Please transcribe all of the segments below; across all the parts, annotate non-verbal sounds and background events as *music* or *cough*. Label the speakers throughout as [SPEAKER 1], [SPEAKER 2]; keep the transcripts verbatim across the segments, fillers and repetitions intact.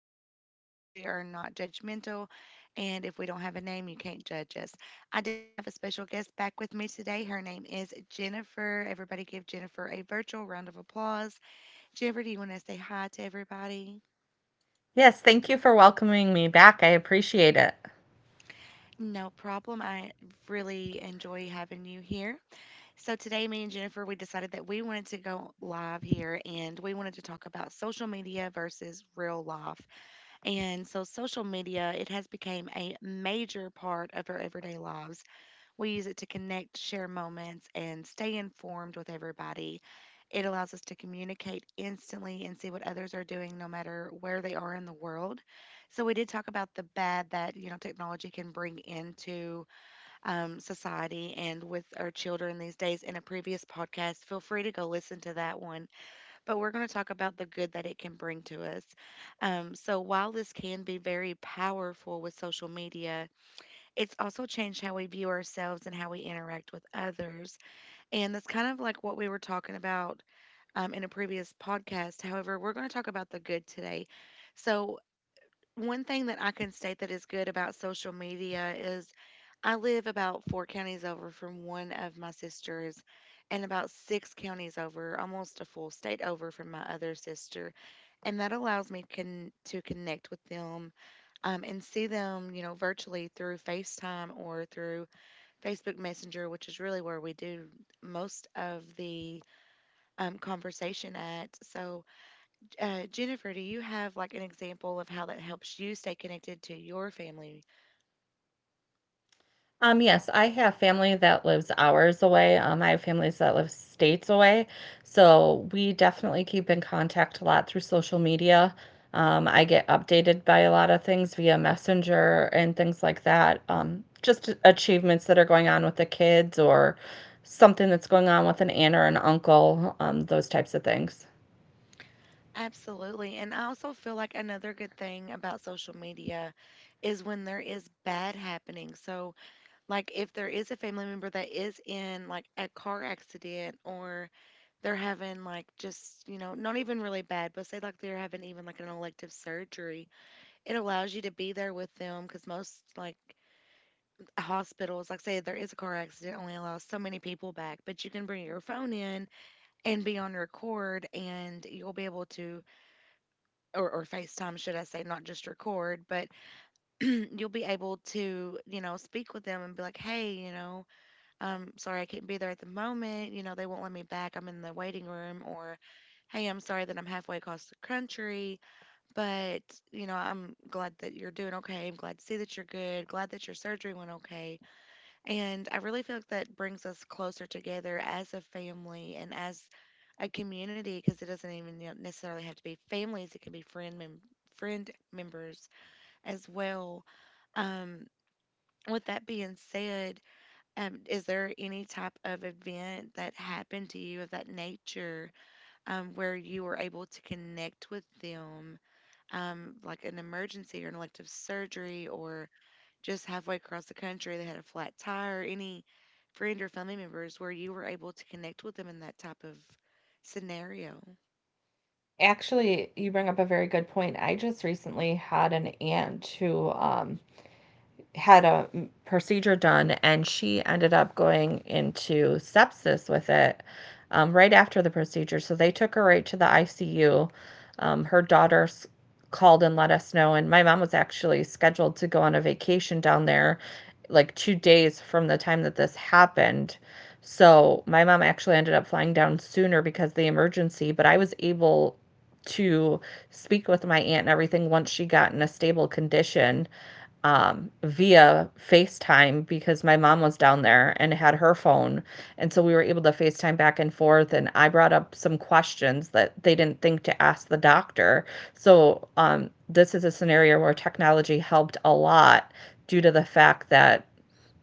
[SPEAKER 1] are unnamed because we are not judgmental. And if we don't have a name, you can't judge us. I do have a special guest back with me today. Her name is Jennifer. Everybody give Jennifer a virtual round of applause. Jennifer, do you want to say hi to everybody?
[SPEAKER 2] Yes, thank you for welcoming me back, I appreciate it.
[SPEAKER 1] No problem. I really enjoy having you here. So, today, me and Jennifer, we decided that we wanted to go live here and we wanted to talk about social media versus real life. And so social media, it has become a major part of our everyday lives. We use it to connect, share moments, and stay informed with everybody. It allows us to communicate instantly and see what others are doing no matter where they are in the world. So we did talk about the bad that, you know, technology can bring into um, society and with our children these days in a previous podcast. Feel free to go listen to that one, but we're going to talk about the good that it can bring to us. Um, so, while this can be very powerful with social media, it's also changed how we view ourselves and how we interact with others. And that's kind of like what we were talking about um, in a previous podcast. However, we're going to talk about the good today. So, one thing that I can state that is good about social media is I live about four counties over from one of my sisters and about six counties over, almost a full state over from my other sister. And that allows me con- to connect with them, um, and see them, you know, virtually through FaceTime or through Facebook Messenger, which is really where we do most of the, um, conversation at. So, uh, Jennifer, do you have like an example of how that helps you stay connected to your family?
[SPEAKER 2] Um, yes, I have family that lives hours away. um, I have families that live states away, so we definitely keep in contact a lot through social media. Um, I get updated by a lot of things via Messenger and things like that, um, just achievements that are going on with the kids or something that's going on with an aunt or an uncle, um, those types of things.
[SPEAKER 1] Absolutely. And I also feel like another good thing about social media is when there is bad happening. So, like, if there is a family member that is in like a car accident, or they're having like just, you know, not even really bad, but say like they're having even like an elective surgery, it allows you to be there with them, because most like hospitals, like, say there is a car accident, only allows so many people back, but you can bring your phone in and be on record and you'll be able to, or, or FaceTime, should I say, not just record, but *clears throat* you'll be able to, you know, speak with them and be like, hey, you know, um, sorry I can't be there at the moment. You know, they won't let me back. I'm in the waiting room. Or, hey, I'm sorry that I'm halfway across the country, but, you know, I'm glad that you're doing okay. I'm glad to see that you're good. Glad that your surgery went okay. And I really feel like that brings us closer together as a family and as a community, because it doesn't even, you know, necessarily have to be families, it can be friend mem- friend members as well. Um, with that being said, um, is there any type of event that happened to you of that nature, um, where you were able to connect with them, um, like an emergency or an elective surgery, or just halfway across the country that had a flat tire, any friend or family members where you were able to connect with them in that type of scenario?
[SPEAKER 2] Actually, you bring up a very good point. I just recently had an aunt who um, had a procedure done and she ended up going into sepsis with it um, right after the procedure. So they took her right to the I C U. Um, her daughter called and let us know. And my mom was actually scheduled to go on a vacation down there like two days from the time that this happened. So my mom actually ended up flying down sooner because of the emergency, but I was able to speak with my aunt and everything once she got in a stable condition, um, via FaceTime because my mom was down there and had her phone. And so we were able to FaceTime back and forth. And I brought up some questions that they didn't think to ask the doctor. So um, this is a scenario where technology helped a lot due to the fact that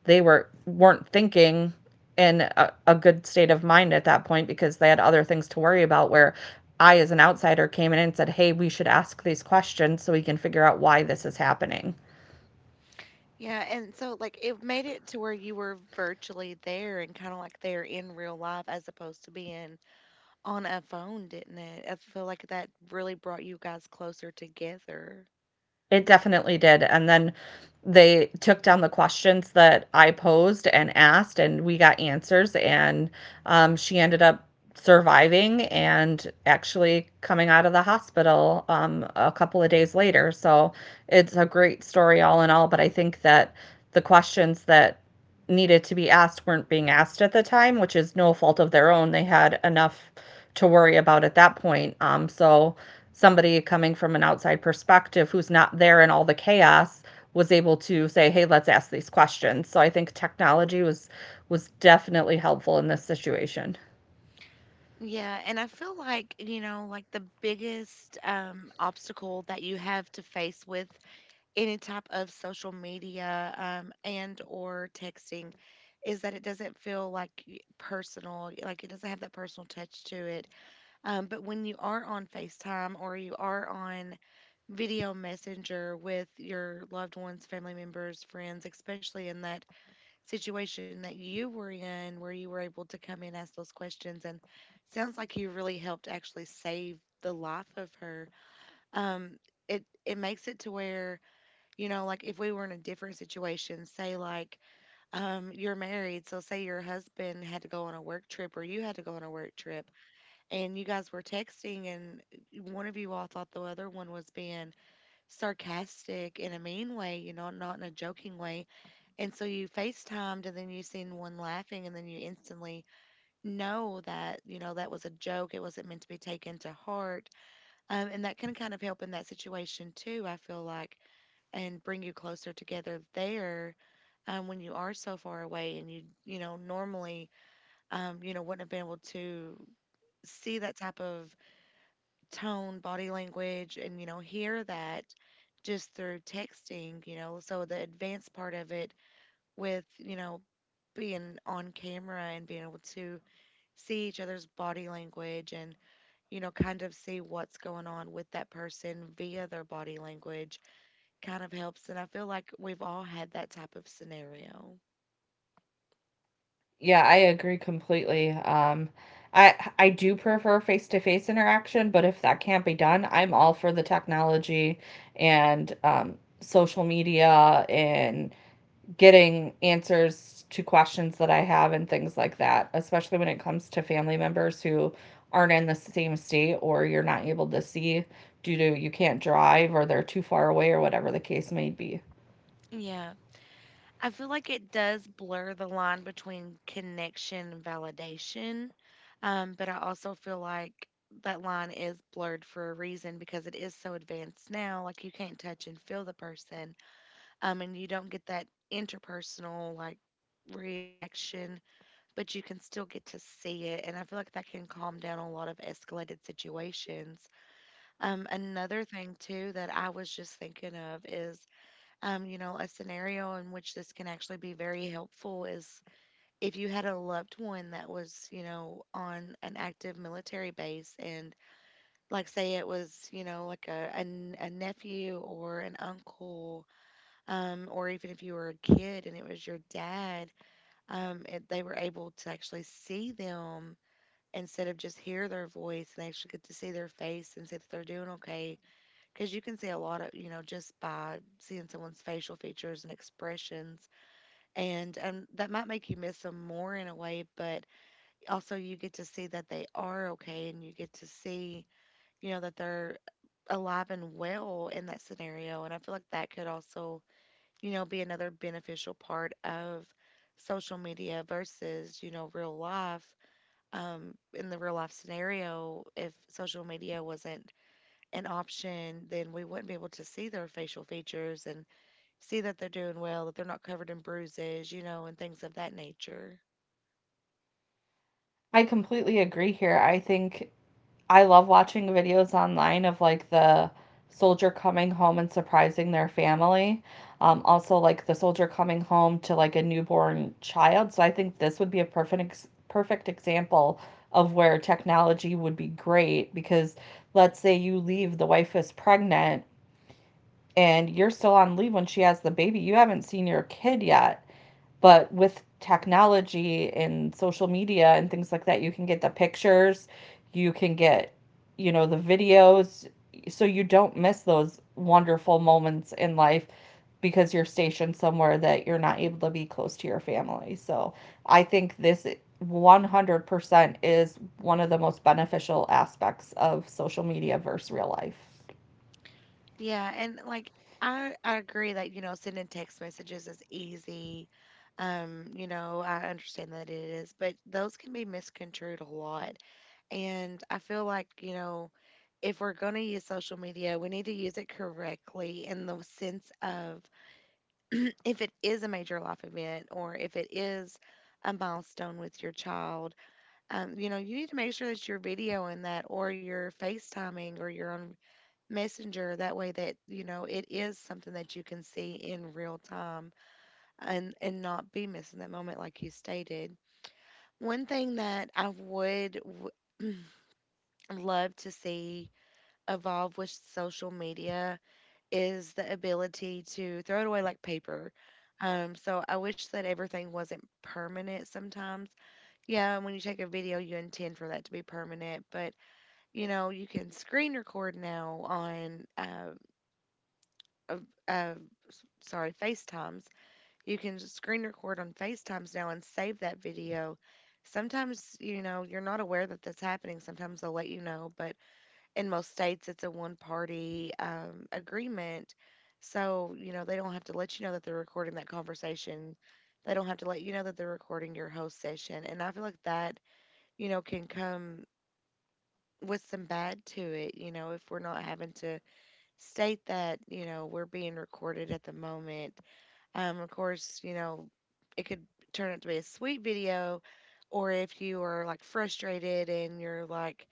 [SPEAKER 2] they were weren't thinking in a, a good state of mind at that point because they had other things to worry about, where I, as an outsider, came in and said, "Hey, we should ask these questions so we can figure out why this is happening."
[SPEAKER 1] Yeah, and so like it made it to where you were virtually there and kind of like there in real life as opposed to being on a phone, didn't it? I feel like that really brought you guys closer together.
[SPEAKER 2] It definitely did, and then they took down the questions that I posed and asked, and we got answers, and um, she ended up surviving and actually coming out of the hospital um, a couple of days later, so it's a great story all in all, but I think that the questions that needed to be asked weren't being asked at the time, which is no fault of their own. They had enough to worry about at that point. Um, so somebody coming from an outside perspective who's not there in all the chaos was able to say, "Hey, let's ask these questions." So I think technology was was definitely helpful in this situation.
[SPEAKER 1] Yeah, and I feel like, you know, like the biggest um, obstacle that you have to face with any type of social media, um, and or texting, is that it doesn't feel like y- personal, like it doesn't have that personal touch to it, um, but when you are on FaceTime or you are on video messenger with your loved ones, family members, friends, especially in that situation that you were in where you were able to come in, ask those questions, and sounds like you really helped actually save the life of her. Um, it it makes it to where, you know, like if we were in a different situation, say like, um, you're married, so say your husband had to go on a work trip or you had to go on a work trip, and you guys were texting, and eh, one of you all thought the other one was being sarcastic in a mean way, you know, not in a joking way, and so you FaceTimed, and then you seen one laughing, and then you instantly know that, you know, that was a joke, it wasn't meant to be taken to heart, um, and that can kind of help in that situation too, I feel like, and bring you closer together there, um, when you are so far away and you you know, normally, um, you know, wouldn't have been able to see that type of tone, body language, and you know, hear that just through texting, you know. So the advanced part of it, with, you know, being on camera and being able to see each other's body language, and you know, kind of see what's going on with that person via their body language, kind of helps. And I feel like we've all had that type of scenario.
[SPEAKER 2] Yeah, I agree completely. Um, I I do prefer face-to-face interaction, but if that can't be done, I'm all for the technology and um, social media and getting answers to questions that I have and things like that, especially when it comes to family members who aren't in the same state or you're not able to see due to you can't drive or they're too far away or whatever the case may be.
[SPEAKER 1] Yeah. I feel like it does blur the line between connection and validation. Um, but I also feel like that line is blurred for a reason, because it is so advanced now. Like you can't touch and feel the person. Um, and you don't get that interpersonal, like, reaction, but you can still get to see it. And I feel like that can calm down a lot of escalated situations. Um, another thing too that I was just thinking of is, um, you know, a scenario in which this can actually be very helpful is if you had a loved one that was, you know, on an active military base, and like say it was, you know, like a a, n- a nephew or an uncle, um, or even if you were a kid and it was your dad, um, it, they were able to actually see them instead of just hear their voice, they actually get to see their face and see that they're doing okay, because you can see a lot of, you know, just by seeing someone's facial features and expressions. And um, that might make you miss them more in a way, but also you get to see that they are okay, and you get to see, you know, that they're alive and well in that scenario. And I feel like that could also, you know, be another beneficial part of social media versus, you know, real life. Um in the real life scenario, if social media wasn't an option, then we wouldn't be able to see their facial features and see that they're doing well, that they're not covered in bruises, you know, and things of that nature.
[SPEAKER 2] I completely agree here. I think I love watching videos online of like the soldier coming home and surprising their family. Um, also, like the soldier coming home to like a newborn child. So I think this would be a perfect ex- perfect example of where technology would be great because let's say you leave, the wife is pregnant, and you're still on leave when she has the baby. You haven't seen your kid yet. But with technology and social media and things like that, you can get the pictures, you can get, you know, the videos. So you don't miss those wonderful moments in life because you're stationed somewhere that you're not able to be close to your family. So I think this one hundred percent is one of the most beneficial aspects of social media versus real life.
[SPEAKER 1] Yeah, and like, I I agree that, you know, sending text messages is easy. Um, you know, I understand that it is, but those can be misconstrued a lot. And I feel like, you know, if we're going to use social media, we need to use it correctly, in the sense of, *clears throat* if it is a major life event, or if it is a milestone with your child, um, you know, you need to make sure that you're videoing that, or you're FaceTiming, or you're on Messenger. That way that, you know, it is something that you can see in real time, and, and not be missing that moment, like you stated. One thing that I would w- *clears throat* love to see evolve with social media is the ability to throw it away like paper. Um, so I wish that everything wasn't permanent sometimes. Yeah, and when you take a video, you intend for that to be permanent, but you know, you can screen record now on, uh, uh, uh, sorry, FaceTimes. You can just screen record on FaceTimes now and save that video. Sometimes, you know, you're not aware that that's happening. Sometimes they'll let you know, but in most states it's a one party um, agreement, so you know they don't have to let you know that they're recording that conversation. They don't have to let you know that they're recording your host session, and I feel like that, you know, can come with some bad to it. You know, if we're not having to state that, you know, we're being recorded at the moment. Um, of course you know it could turn out to be a sweet video. Or if you are like frustrated and you're like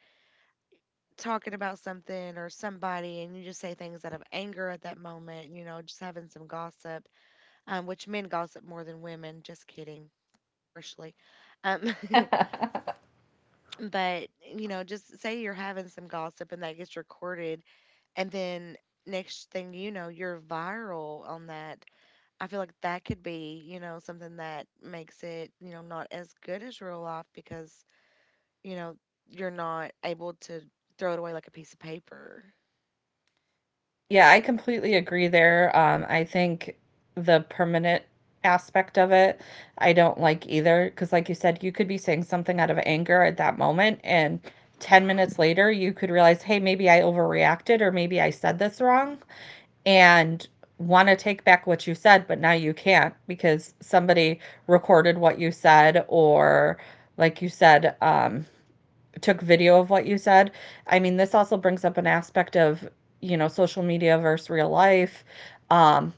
[SPEAKER 1] talking about something or somebody and you just say things out of anger at that moment, you know, just having some gossip, um, which men gossip more than women. Just kidding, partially. Um, *laughs* but, you know, just say you're having some gossip and that gets recorded. And then next thing you know, you're viral on that. I feel like that could be, you know, something that makes it, you know, not as good as real life because, you know, you're not able to throw it away like a piece of paper.
[SPEAKER 2] Yeah, I completely agree there. Um, I think the permanent aspect of it, I don't like either. Because, like you said, you could be saying something out of anger at that moment, and ten minutes later, you could realize, hey, maybe I overreacted or maybe I said this wrong, and want to take back what you said, but now you can't because somebody recorded what you said, or like you said, um, took video of what you said. I mean, this also brings up an aspect of, you know, social media versus real life. Um,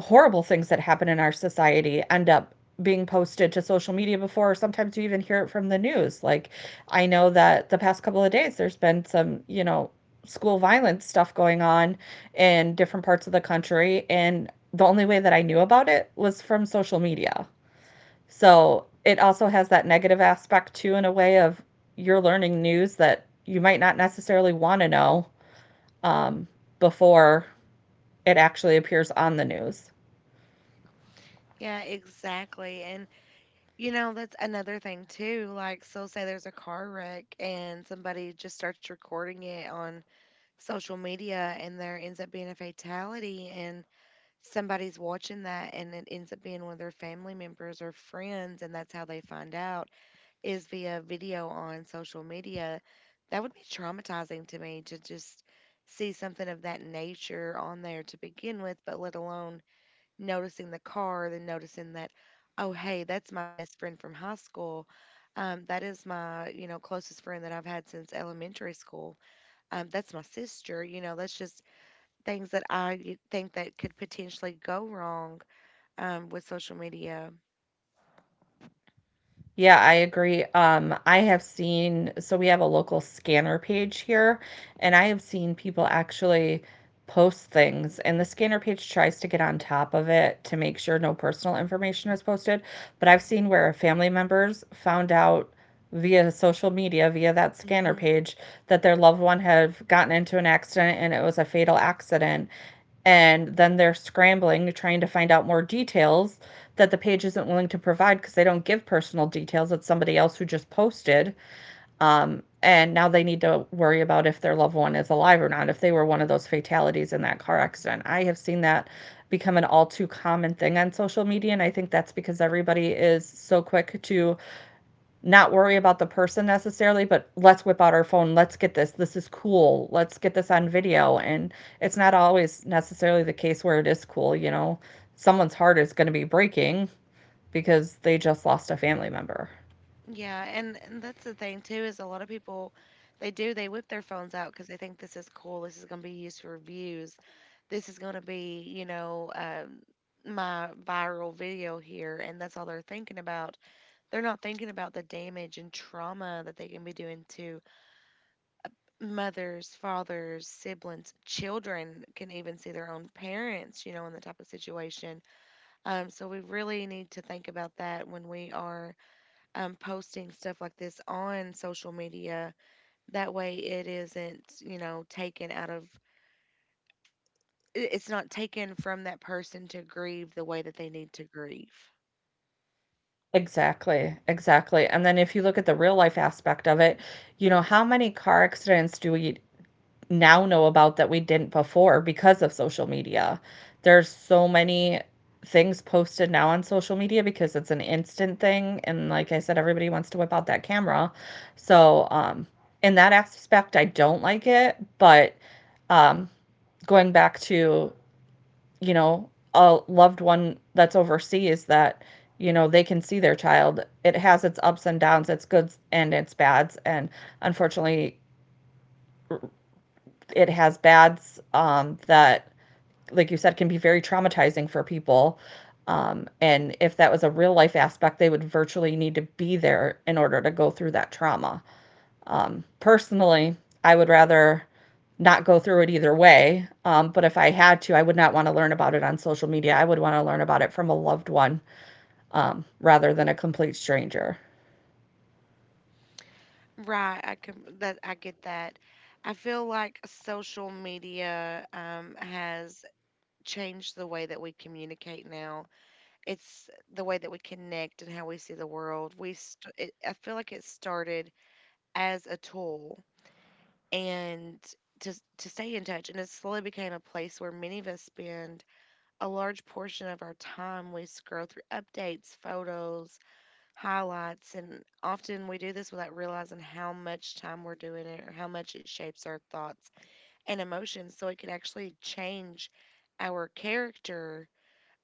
[SPEAKER 2] Horrible things that happen in our society end up being posted to social media before. or sometimes you even hear it from the news. Like, I know that the past couple of days, there's been some, you know, school violence stuff going on in different parts of the country. And the only way that I knew about it was from social media. So it also has that negative aspect too, in a way of you're learning news that you might not necessarily want to know, um, before it actually appears on the news.
[SPEAKER 1] Yeah, exactly. And you know, that's another thing too. Like, so say there's a car wreck and somebody just starts recording it on social media and there ends up being a fatality and somebody's watching that and it ends up being one of their family members or friends, and that's how they find out is via video on social media. That would be traumatizing to me to just see something of that nature on there to begin with, but let alone noticing the car, then noticing that, oh, hey, that's my best friend from high school. Um, that is my, you know, closest friend that I've had since elementary school. Um, that's my sister. You know, that's just things that I y- think that could potentially go wrong um, with social media.
[SPEAKER 2] Yeah, I agree. Um, I have seen, so we have a local scanner page here, and I have seen people actually post things, and the scanner page tries to get on top of it to make sure no personal information is posted. But I've seen where family members found out via social media, via that scanner page, that their loved one had gotten into an accident and it was a fatal accident, and then they're scrambling trying to find out more details that the page isn't willing to provide because they don't give personal details. It's somebody else who just posted, um, and now they need to worry about if their loved one is alive or not, if they were one of those fatalities in that car accident. I have seen that become an all too common thing on social media, and I think that's because everybody is so quick to not worry about the person necessarily, but let's whip out our phone. Let's get this. This is cool. Let's get this on video. And it's not always necessarily the case where it is cool, you know. Someone's heart is going to be breaking because they just lost a family member.
[SPEAKER 1] Yeah, and and that's the thing too, is a lot of people, they do, they whip their phones out because they think this is cool. This is going to be used for reviews. This is going to be, you know, um, my viral video here, and that's all they're thinking about. They're not thinking about the damage and trauma that they can be doing to mothers, fathers, siblings, children. Can even see their own parents, you know, in the type of situation. Um, so we really need to think about that when we are um, posting stuff like this on social media. That way, it isn't, you know, taken out of, i- it's not taken from that person to grieve the way that they need to grieve.
[SPEAKER 2] Exactly, exactly. And then if you look at the real life aspect of it, you know, how many car accidents do we now know about that we didn't before because of social media. There's so many things posted now on social media because it's an instant thing, and like I said, everybody wants to whip out that camera. So, um in that aspect I don't like it, but um going back to, you know, a loved one that's overseas, that you know they can see their child, it has its ups and downs, its goods and its bads, and unfortunately it has bads, um, that like you said, can be very traumatizing for people. Um, and if that was a real life aspect, they would virtually need to be there in order to go through that trauma. Um, personally, I would rather not go through it either way. Um, but if I had to, I would not want to learn about it on social media. I would want to learn about it from a loved one, um, rather than a complete stranger.
[SPEAKER 1] Right. I can, that, I get that. I feel like social media um, has changed the way that we communicate now. It's the way that we connect and how we see the world. We, st- it, I feel like it started as a tool and to to stay in touch. And it slowly became a place where many of us spend a large portion of our time. We scroll through updates, photos, highlights, and often we do this without realizing how much time we're doing it or how much it shapes our thoughts and emotions. So it can actually change our character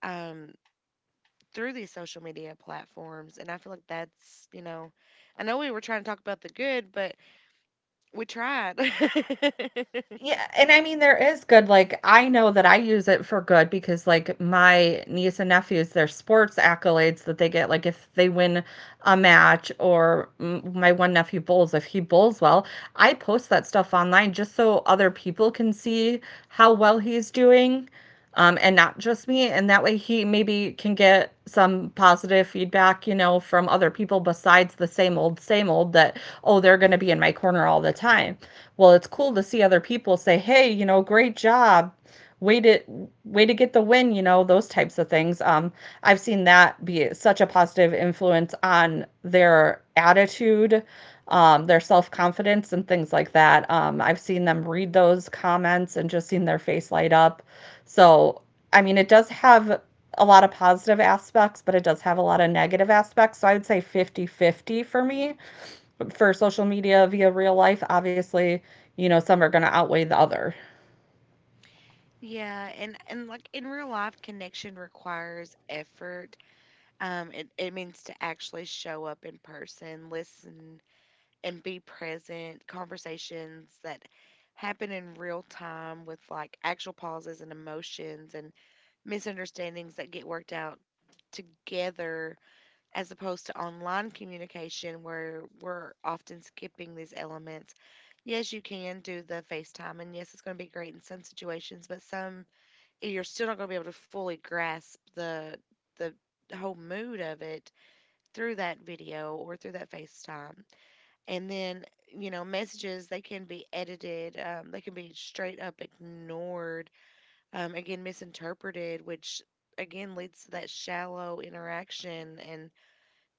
[SPEAKER 1] um, through these social media platforms. And I feel like that's, you know, I know we were trying to talk about the good, but we tried. *laughs*
[SPEAKER 2] Yeah, and I mean, there is good. Like, I know that I use it for good because, like, my niece and nephews, their sports accolades that they get, like, if they win a match, or m- my one nephew bowls, if he bowls well, I post that stuff online just so other people can see how well he's doing, um, and not just me. And that way he maybe can get some positive feedback, you know, from other people besides the same old, same old that, oh, they're going to be in my corner all the time. Well, it's cool to see other people say, hey, you know, great job, way to way to get the win, you know, those types of things. um I've seen that be such a positive influence on their attitude, um their self-confidence and things like that. um I've seen them read those comments and just seen their face light up. So I mean, it does have a lot of positive aspects, but it does have a lot of negative aspects, so I would say fifty fifty for me for social media via real life. Obviously, you know, some are going to outweigh the other.
[SPEAKER 1] Yeah, and and like in real life, connection requires effort. Um, it it means to actually show up in person, listen, and be present. Conversations that happen in real time with like actual pauses and emotions and misunderstandings that get worked out together, as opposed to online communication where we're often skipping these elements. Yes, you can do the FaceTime, and yes, it's going to be great in some situations, but some you're still not going to be able to fully grasp the the whole mood of it through that video or through that FaceTime. And then, you know, messages, they can be edited, um, they can be straight up ignored, um, again misinterpreted, which again leads to that shallow interaction and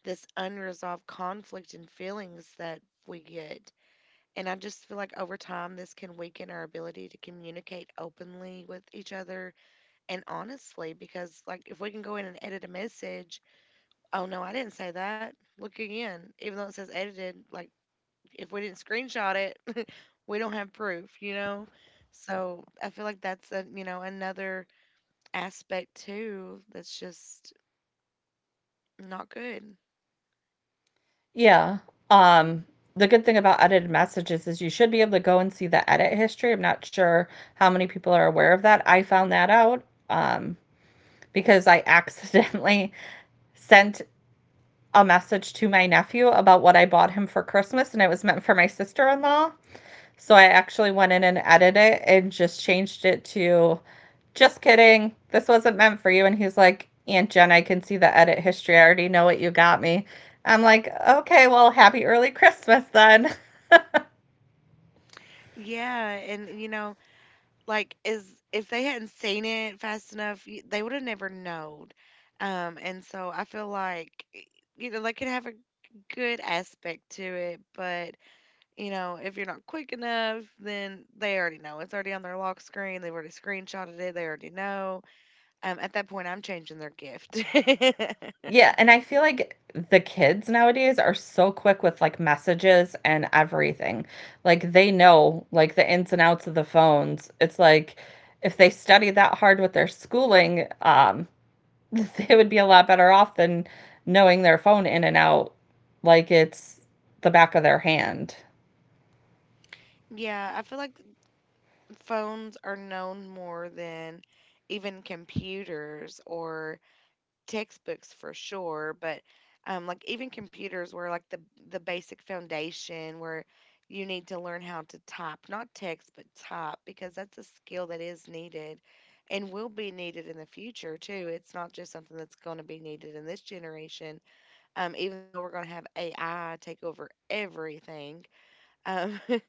[SPEAKER 1] this unresolved conflict and feelings that we get. And I just feel like over time, this can weaken our ability to communicate openly with each other and honestly, because like if we can go in and edit a message, oh no, I didn't say that. Look again, even though it says edited, like if we didn't screenshot it, *laughs* we don't have proof, you know? So I feel like that's a, you know, another aspect too that's just not good.
[SPEAKER 2] Yeah, um, the good thing about edited messages is you should be able to go and see the edit history. I'm not sure how many people are aware of that. I found that out um, because I accidentally *laughs* sent a message to my nephew about what I bought him for Christmas, and it was meant for my sister-in-law. So I actually went in and edited it and just changed it to just kidding. This wasn't meant for you. And he's like, Aunt Jen, I can see the edit history. I already know what you got me. I'm like, okay, well, happy early Christmas then.
[SPEAKER 1] Yeah, and you know, like is if they hadn't seen it fast enough, y- they would have never known. Um, and so I feel like y- you know, they could have a good aspect to it, but you know, if you're not quick enough, then they already know. It's already on their lock screen. They've already screenshotted it. They already know. Um, at that point, I'm changing their gift. *laughs*
[SPEAKER 2] *laughs* Yeah. And I feel like the kids nowadays are so quick with like messages and everything. Like they know like the ins and outs of the phones. It's like if they study that hard with their schooling, um, *laughs* they would be a lot better off than knowing their phone in and out like it's the back of their hand.
[SPEAKER 1] Yeah, I feel like phones are known more than even computers or textbooks for sure, but um, like even computers were like the the basic foundation where you need to learn how to type, not text, but type, because that's a skill that is needed and will be needed in the future too. It's not just something that's going to be needed in this generation. Um, even though we're going to have A I take over everything, um, *laughs*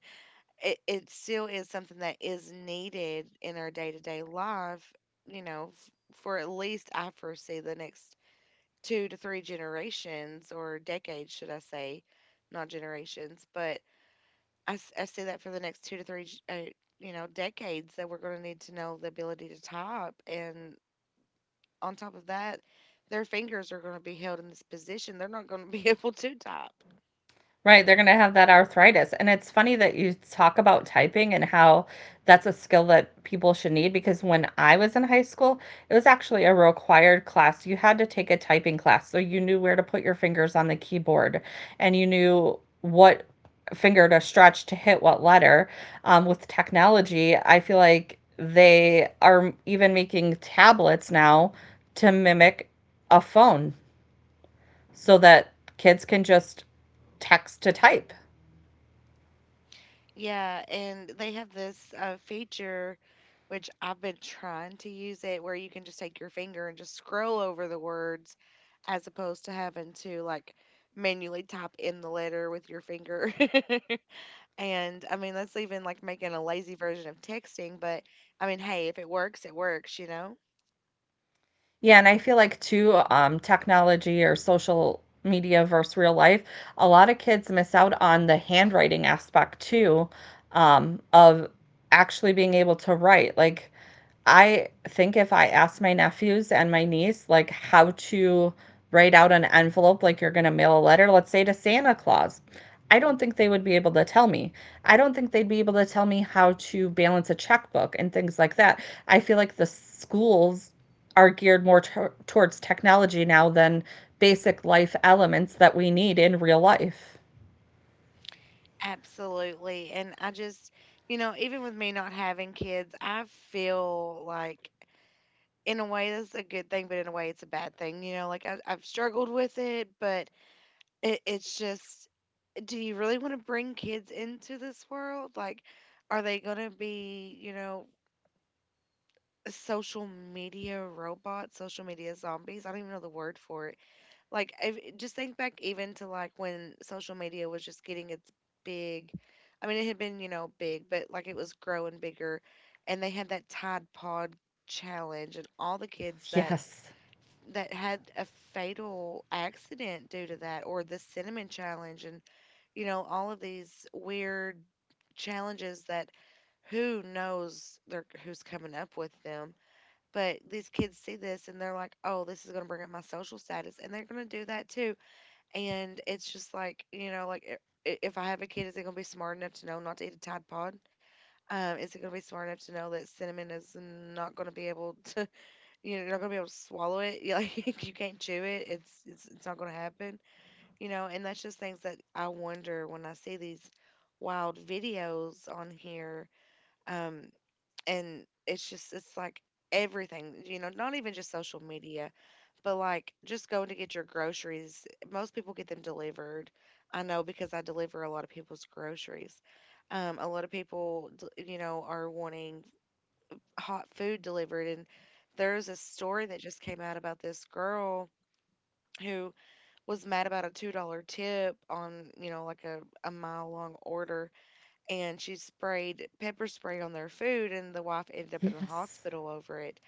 [SPEAKER 1] it, it still is something that is needed in our day to day life, you know, f- for at least I foresee the next two to three generations, or decades, should I say, not generations, but I, s- I see that for the next two to three, g- uh, you know, decades that we're going to need to know the ability to type. And on top of that, their fingers are going to be held in this position. They're not going to be *laughs* able to type.
[SPEAKER 2] Right, they're gonna have that arthritis, and it's funny that you talk about typing and how that's a skill that people should need, because when I was in high school, it was actually a required class. You had to take a typing class, so you knew where to put your fingers on the keyboard, and you knew what finger to stretch to hit what letter. Um, with technology, I feel like they are even making tablets now to mimic a phone so that kids can just text to type.
[SPEAKER 1] Yeah, and they have this uh, feature, which I've been trying to use it, where you can just take your finger and just scroll over the words as opposed to having to like manually type in the letter with your finger. *laughs* And I mean, that's even like making a lazy version of texting, but I mean, hey, if it works, it works, you know?
[SPEAKER 2] Yeah, and I feel like too, um, technology or social media versus real life, a lot of kids miss out on the handwriting aspect too, um, of actually being able to write. Like, I think if I asked my nephews and my niece, like, how to write out an envelope, like you're going to mail a letter, let's say to Santa Claus, I don't think they would be able to tell me. I don't think they'd be able to tell me how to balance a checkbook and things like that. I feel like the schools are geared more to- towards technology now than basic life elements that we need in real life.
[SPEAKER 1] Absolutely. And I just, you know, even with me not having kids, I feel like in a way that's a good thing, but in a way it's a bad thing. You know, like I, I've struggled with it, but it, it's just, do you really want to bring kids into this world? Like, are they going to be, you know, social media robots, social media zombies? I don't even know the word for it. Like, if, just think back even to like when social media was just getting its big. I mean, it had been, you know, big, but like it was growing bigger. And they had that Tide Pod challenge, and all the kids that
[SPEAKER 2] Yes.
[SPEAKER 1] that had a fatal accident due to that, or the cinnamon challenge, and you know, all of these weird challenges that who knows they're, who's coming up with them. But these kids see this and they're like, oh, this is going to bring up my social status. And they're going to do that too. And it's just like, you know, like i- i- if I have a kid, is it going to be smart enough to know not to eat a Tide Pod? Um, is it going to be smart enough to know that cinnamon is not going to be able *laughs* to, you know, you're not gonna be able to swallow it. *laughs* You Like you can't chew it. It's it's it's not gonna happen. You know, and that's just things that I wonder when I see these wild videos on here. Um, and it's just it's like everything. You know, not even just social media, but like just going to get your groceries. Most people get them delivered. I know because I deliver a lot of people's groceries. Um, a lot of people, d- you know, are wanting hot food delivered. And there's a story that just came out about this girl who was mad about a two dollar tip on, you know, like a, a mile long order. And she sprayed pepper spray on their food, and the wife ended up in the
[SPEAKER 2] Yes.
[SPEAKER 1] hospital over it.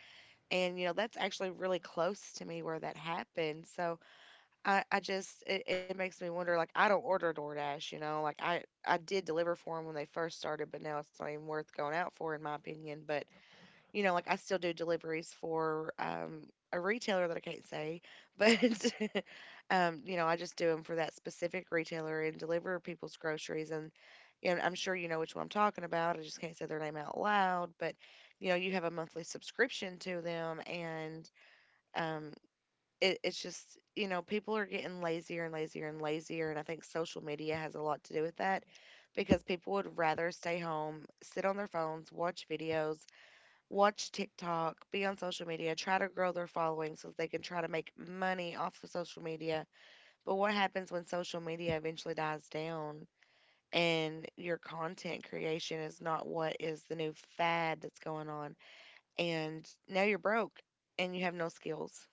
[SPEAKER 1] And, you know, that's actually really close to me where that happened. So I, I just, it, it makes me wonder, like, I don't order DoorDash, you know, like I, I did deliver for them when they first started, but now it's not even worth going out for, in my opinion. But you know, like I still do deliveries for um, a retailer that I can't say, but *laughs* um, you know, I just do them for that specific retailer and deliver people's groceries. And you know, I'm sure you know which one I'm talking about. I just can't say their name out loud, but you know, you have a monthly subscription to them, and um, it, it's just, you know, people are getting lazier and lazier and lazier, and I think social media has a lot to do with that. Because people would rather stay home, sit on their phones, watch videos, watch TikTok, be on social media, try to grow their following so they can try to make money off of social media. But what happens when social media eventually dies down and your content creation is not what is the new fad that's going on? And now you're broke and you have no skills.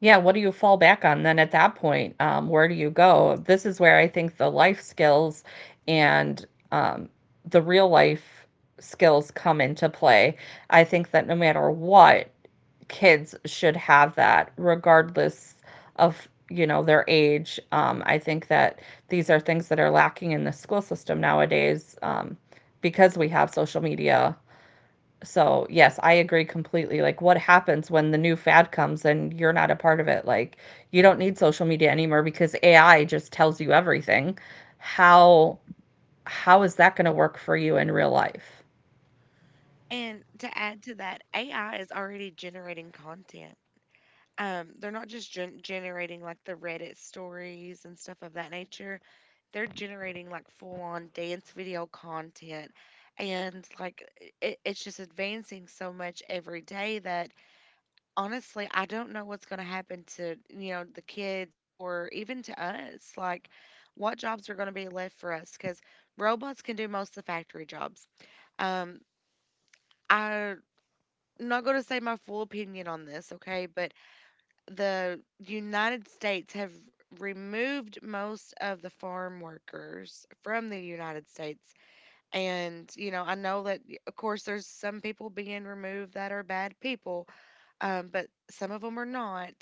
[SPEAKER 2] Yeah, what do you fall back on then at that point? Um, where do you go? This is where I think the life skills and, um, the real life skills come into play. I think that no matter what, kids should have that regardless of, you know, their age. um, I think that these are things that are lacking in the school system nowadays, um, because we have social media. So yes, I agree completely. Like, what happens when the new fad comes and you're not a part of it? Like, you don't need social media anymore because AI just tells you everything. how how is that going to work for you in real life?
[SPEAKER 1] And to add to that, A I is already generating content. Um, they're not just gen- generating like the Reddit stories and stuff of that nature. They're generating like full on dance video content. And like it, it's just advancing so much every day that honestly, I don't know what's going to happen to, you know, the kids or even to us. Like what jobs are going to be left for us because robots can do most of the factory jobs. Um, I, I'm not going to say my full opinion on this, okay? But the United States have removed most of the farm workers from the United States. And, you know, I know that, y- of course, there's some people being removed that are bad people, um, but some of them are not.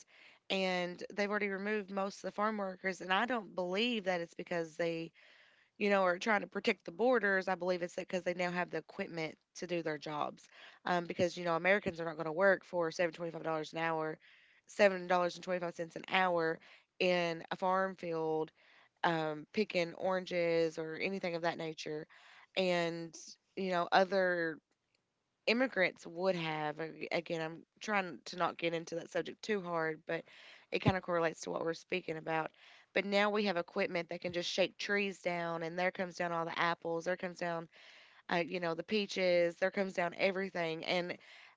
[SPEAKER 1] And they've already removed most of the farm workers. And I don't believe that it's because they you know, are trying to protect the borders. I believe it's because they now have the equipment to do their jobs. Um, because you know, Americans are not going to work for seven twenty-five dollars an hour, seven dollars and twenty-five cents an hour in a farm field, um, picking oranges or anything of that nature, and you know, other immigrants would have a- again, I'm trying to not get into that subject too hard, but it kind of correlates to what we're speaking about. But now we have equipment that can just shake trees down, and there comes down all the apples, there comes down uh, you know, the peaches, there comes down everything. And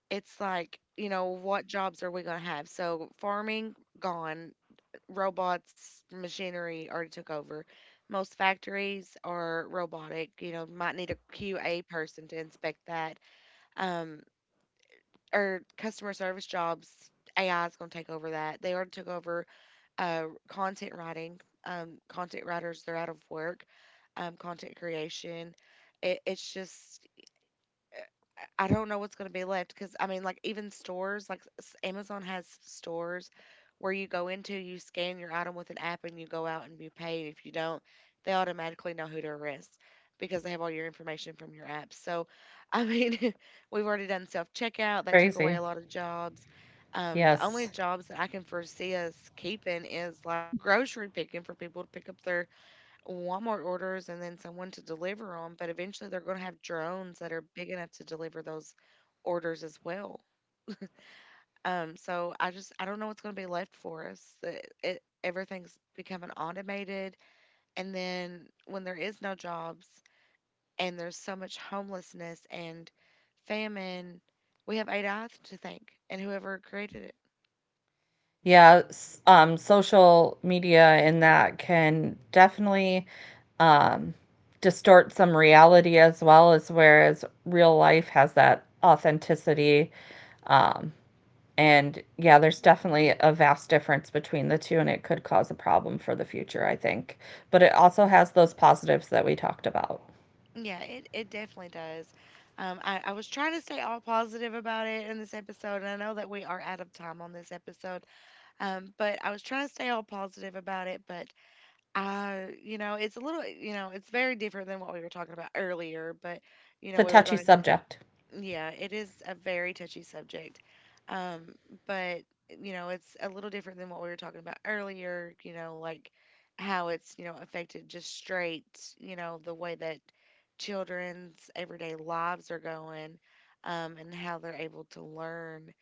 [SPEAKER 1] it's like, you know, what jobs are we going to have? So farming, gone. Robots, machinery already took over. Most factories are robotic. You know, might need a Q A person to inspect that. Um, or customer service jobs, A I is going to take over that. They already took over uh, content writing. Um, content writers, they're out of work. Um, content creation. It, it's just I don't know what's going to be left, because I mean, like even stores like s- Amazon has stores where you go into, you scan your item with an app, and you go out and you pay. And if you don't, they automatically know who to arrest because they have all your information from your app. So, I mean, *laughs* we've already done self checkout. That took away
[SPEAKER 2] Crazy.
[SPEAKER 1] a lot of jobs. Um, the only
[SPEAKER 2] Yes.
[SPEAKER 1] jobs that I can foresee us keeping is like grocery picking for people to pick up their Walmart orders, and then someone to deliver them, but eventually they're going to have drones that are big enough to deliver those orders as well. Um, so I just I don't know what's going to be left for us. It, it, everything's becoming automated, and then when there is no jobs and there's so much homelessness and famine, we have A I to thank, and whoever created it.
[SPEAKER 2] Yeah, s- um, social media and that can definitely um, distort some reality, as well as, whereas real life has that authenticity. Um, and yeah, there's definitely a vast difference between the two, and it could cause a problem for the future, I think. But it also has those positives that we talked about.
[SPEAKER 1] Yeah, it, it definitely does. Um, I, I was trying to stay all positive about it in this episode, and I know that we are out of time on this episode. Um, but I was trying to stay all positive about it. But I, you know, it's a little, you know, it's very different than what we were talking about earlier. But, you
[SPEAKER 2] It's
[SPEAKER 1] know,
[SPEAKER 2] a
[SPEAKER 1] we were
[SPEAKER 2] touchy
[SPEAKER 1] going to,
[SPEAKER 2] subject. *laughs*
[SPEAKER 1] yeah, it is a very touchy subject. Um, but, you know, it's a little different than what we were talking about earlier, you know, like how it's, you know, affected just straight, you know, the way that children's everyday lives are going um, and how they're able to learn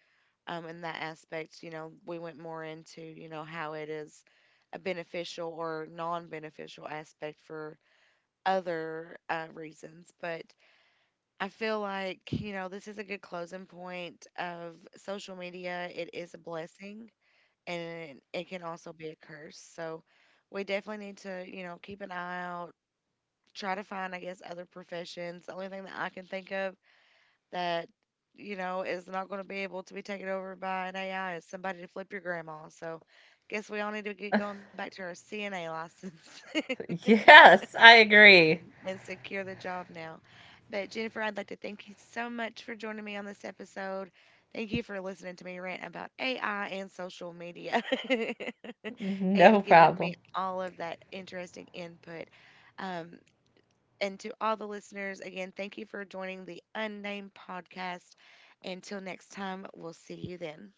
[SPEAKER 1] um, in that aspect, you know, we went more into, you know, how it is a beneficial or non beneficial aspect for other uh, reasons. But I feel like, you know, this is a good closing point of social media. It is a blessing, and it can also be a curse. So we definitely need to, you know, keep an eye out, try to find, I guess, other professions. The only thing that I can think of that you know is not going to be able to be taken over by an A I. It's somebody to flip your grandma. So, guess we all need to get going back to our C N A license *laughs*
[SPEAKER 2] Yes, I agree.
[SPEAKER 1] and secure the job now. But Jennifer, I'd like to thank you so much for joining me on this episode. Thank you for listening to me rant about A I and social media *laughs*
[SPEAKER 2] No
[SPEAKER 1] and giving me
[SPEAKER 2] problem.
[SPEAKER 1] all of that interesting input. Um, and to all the listeners, again, thank you for joining the Unnamed Podcast. Until next time, we'll see you then.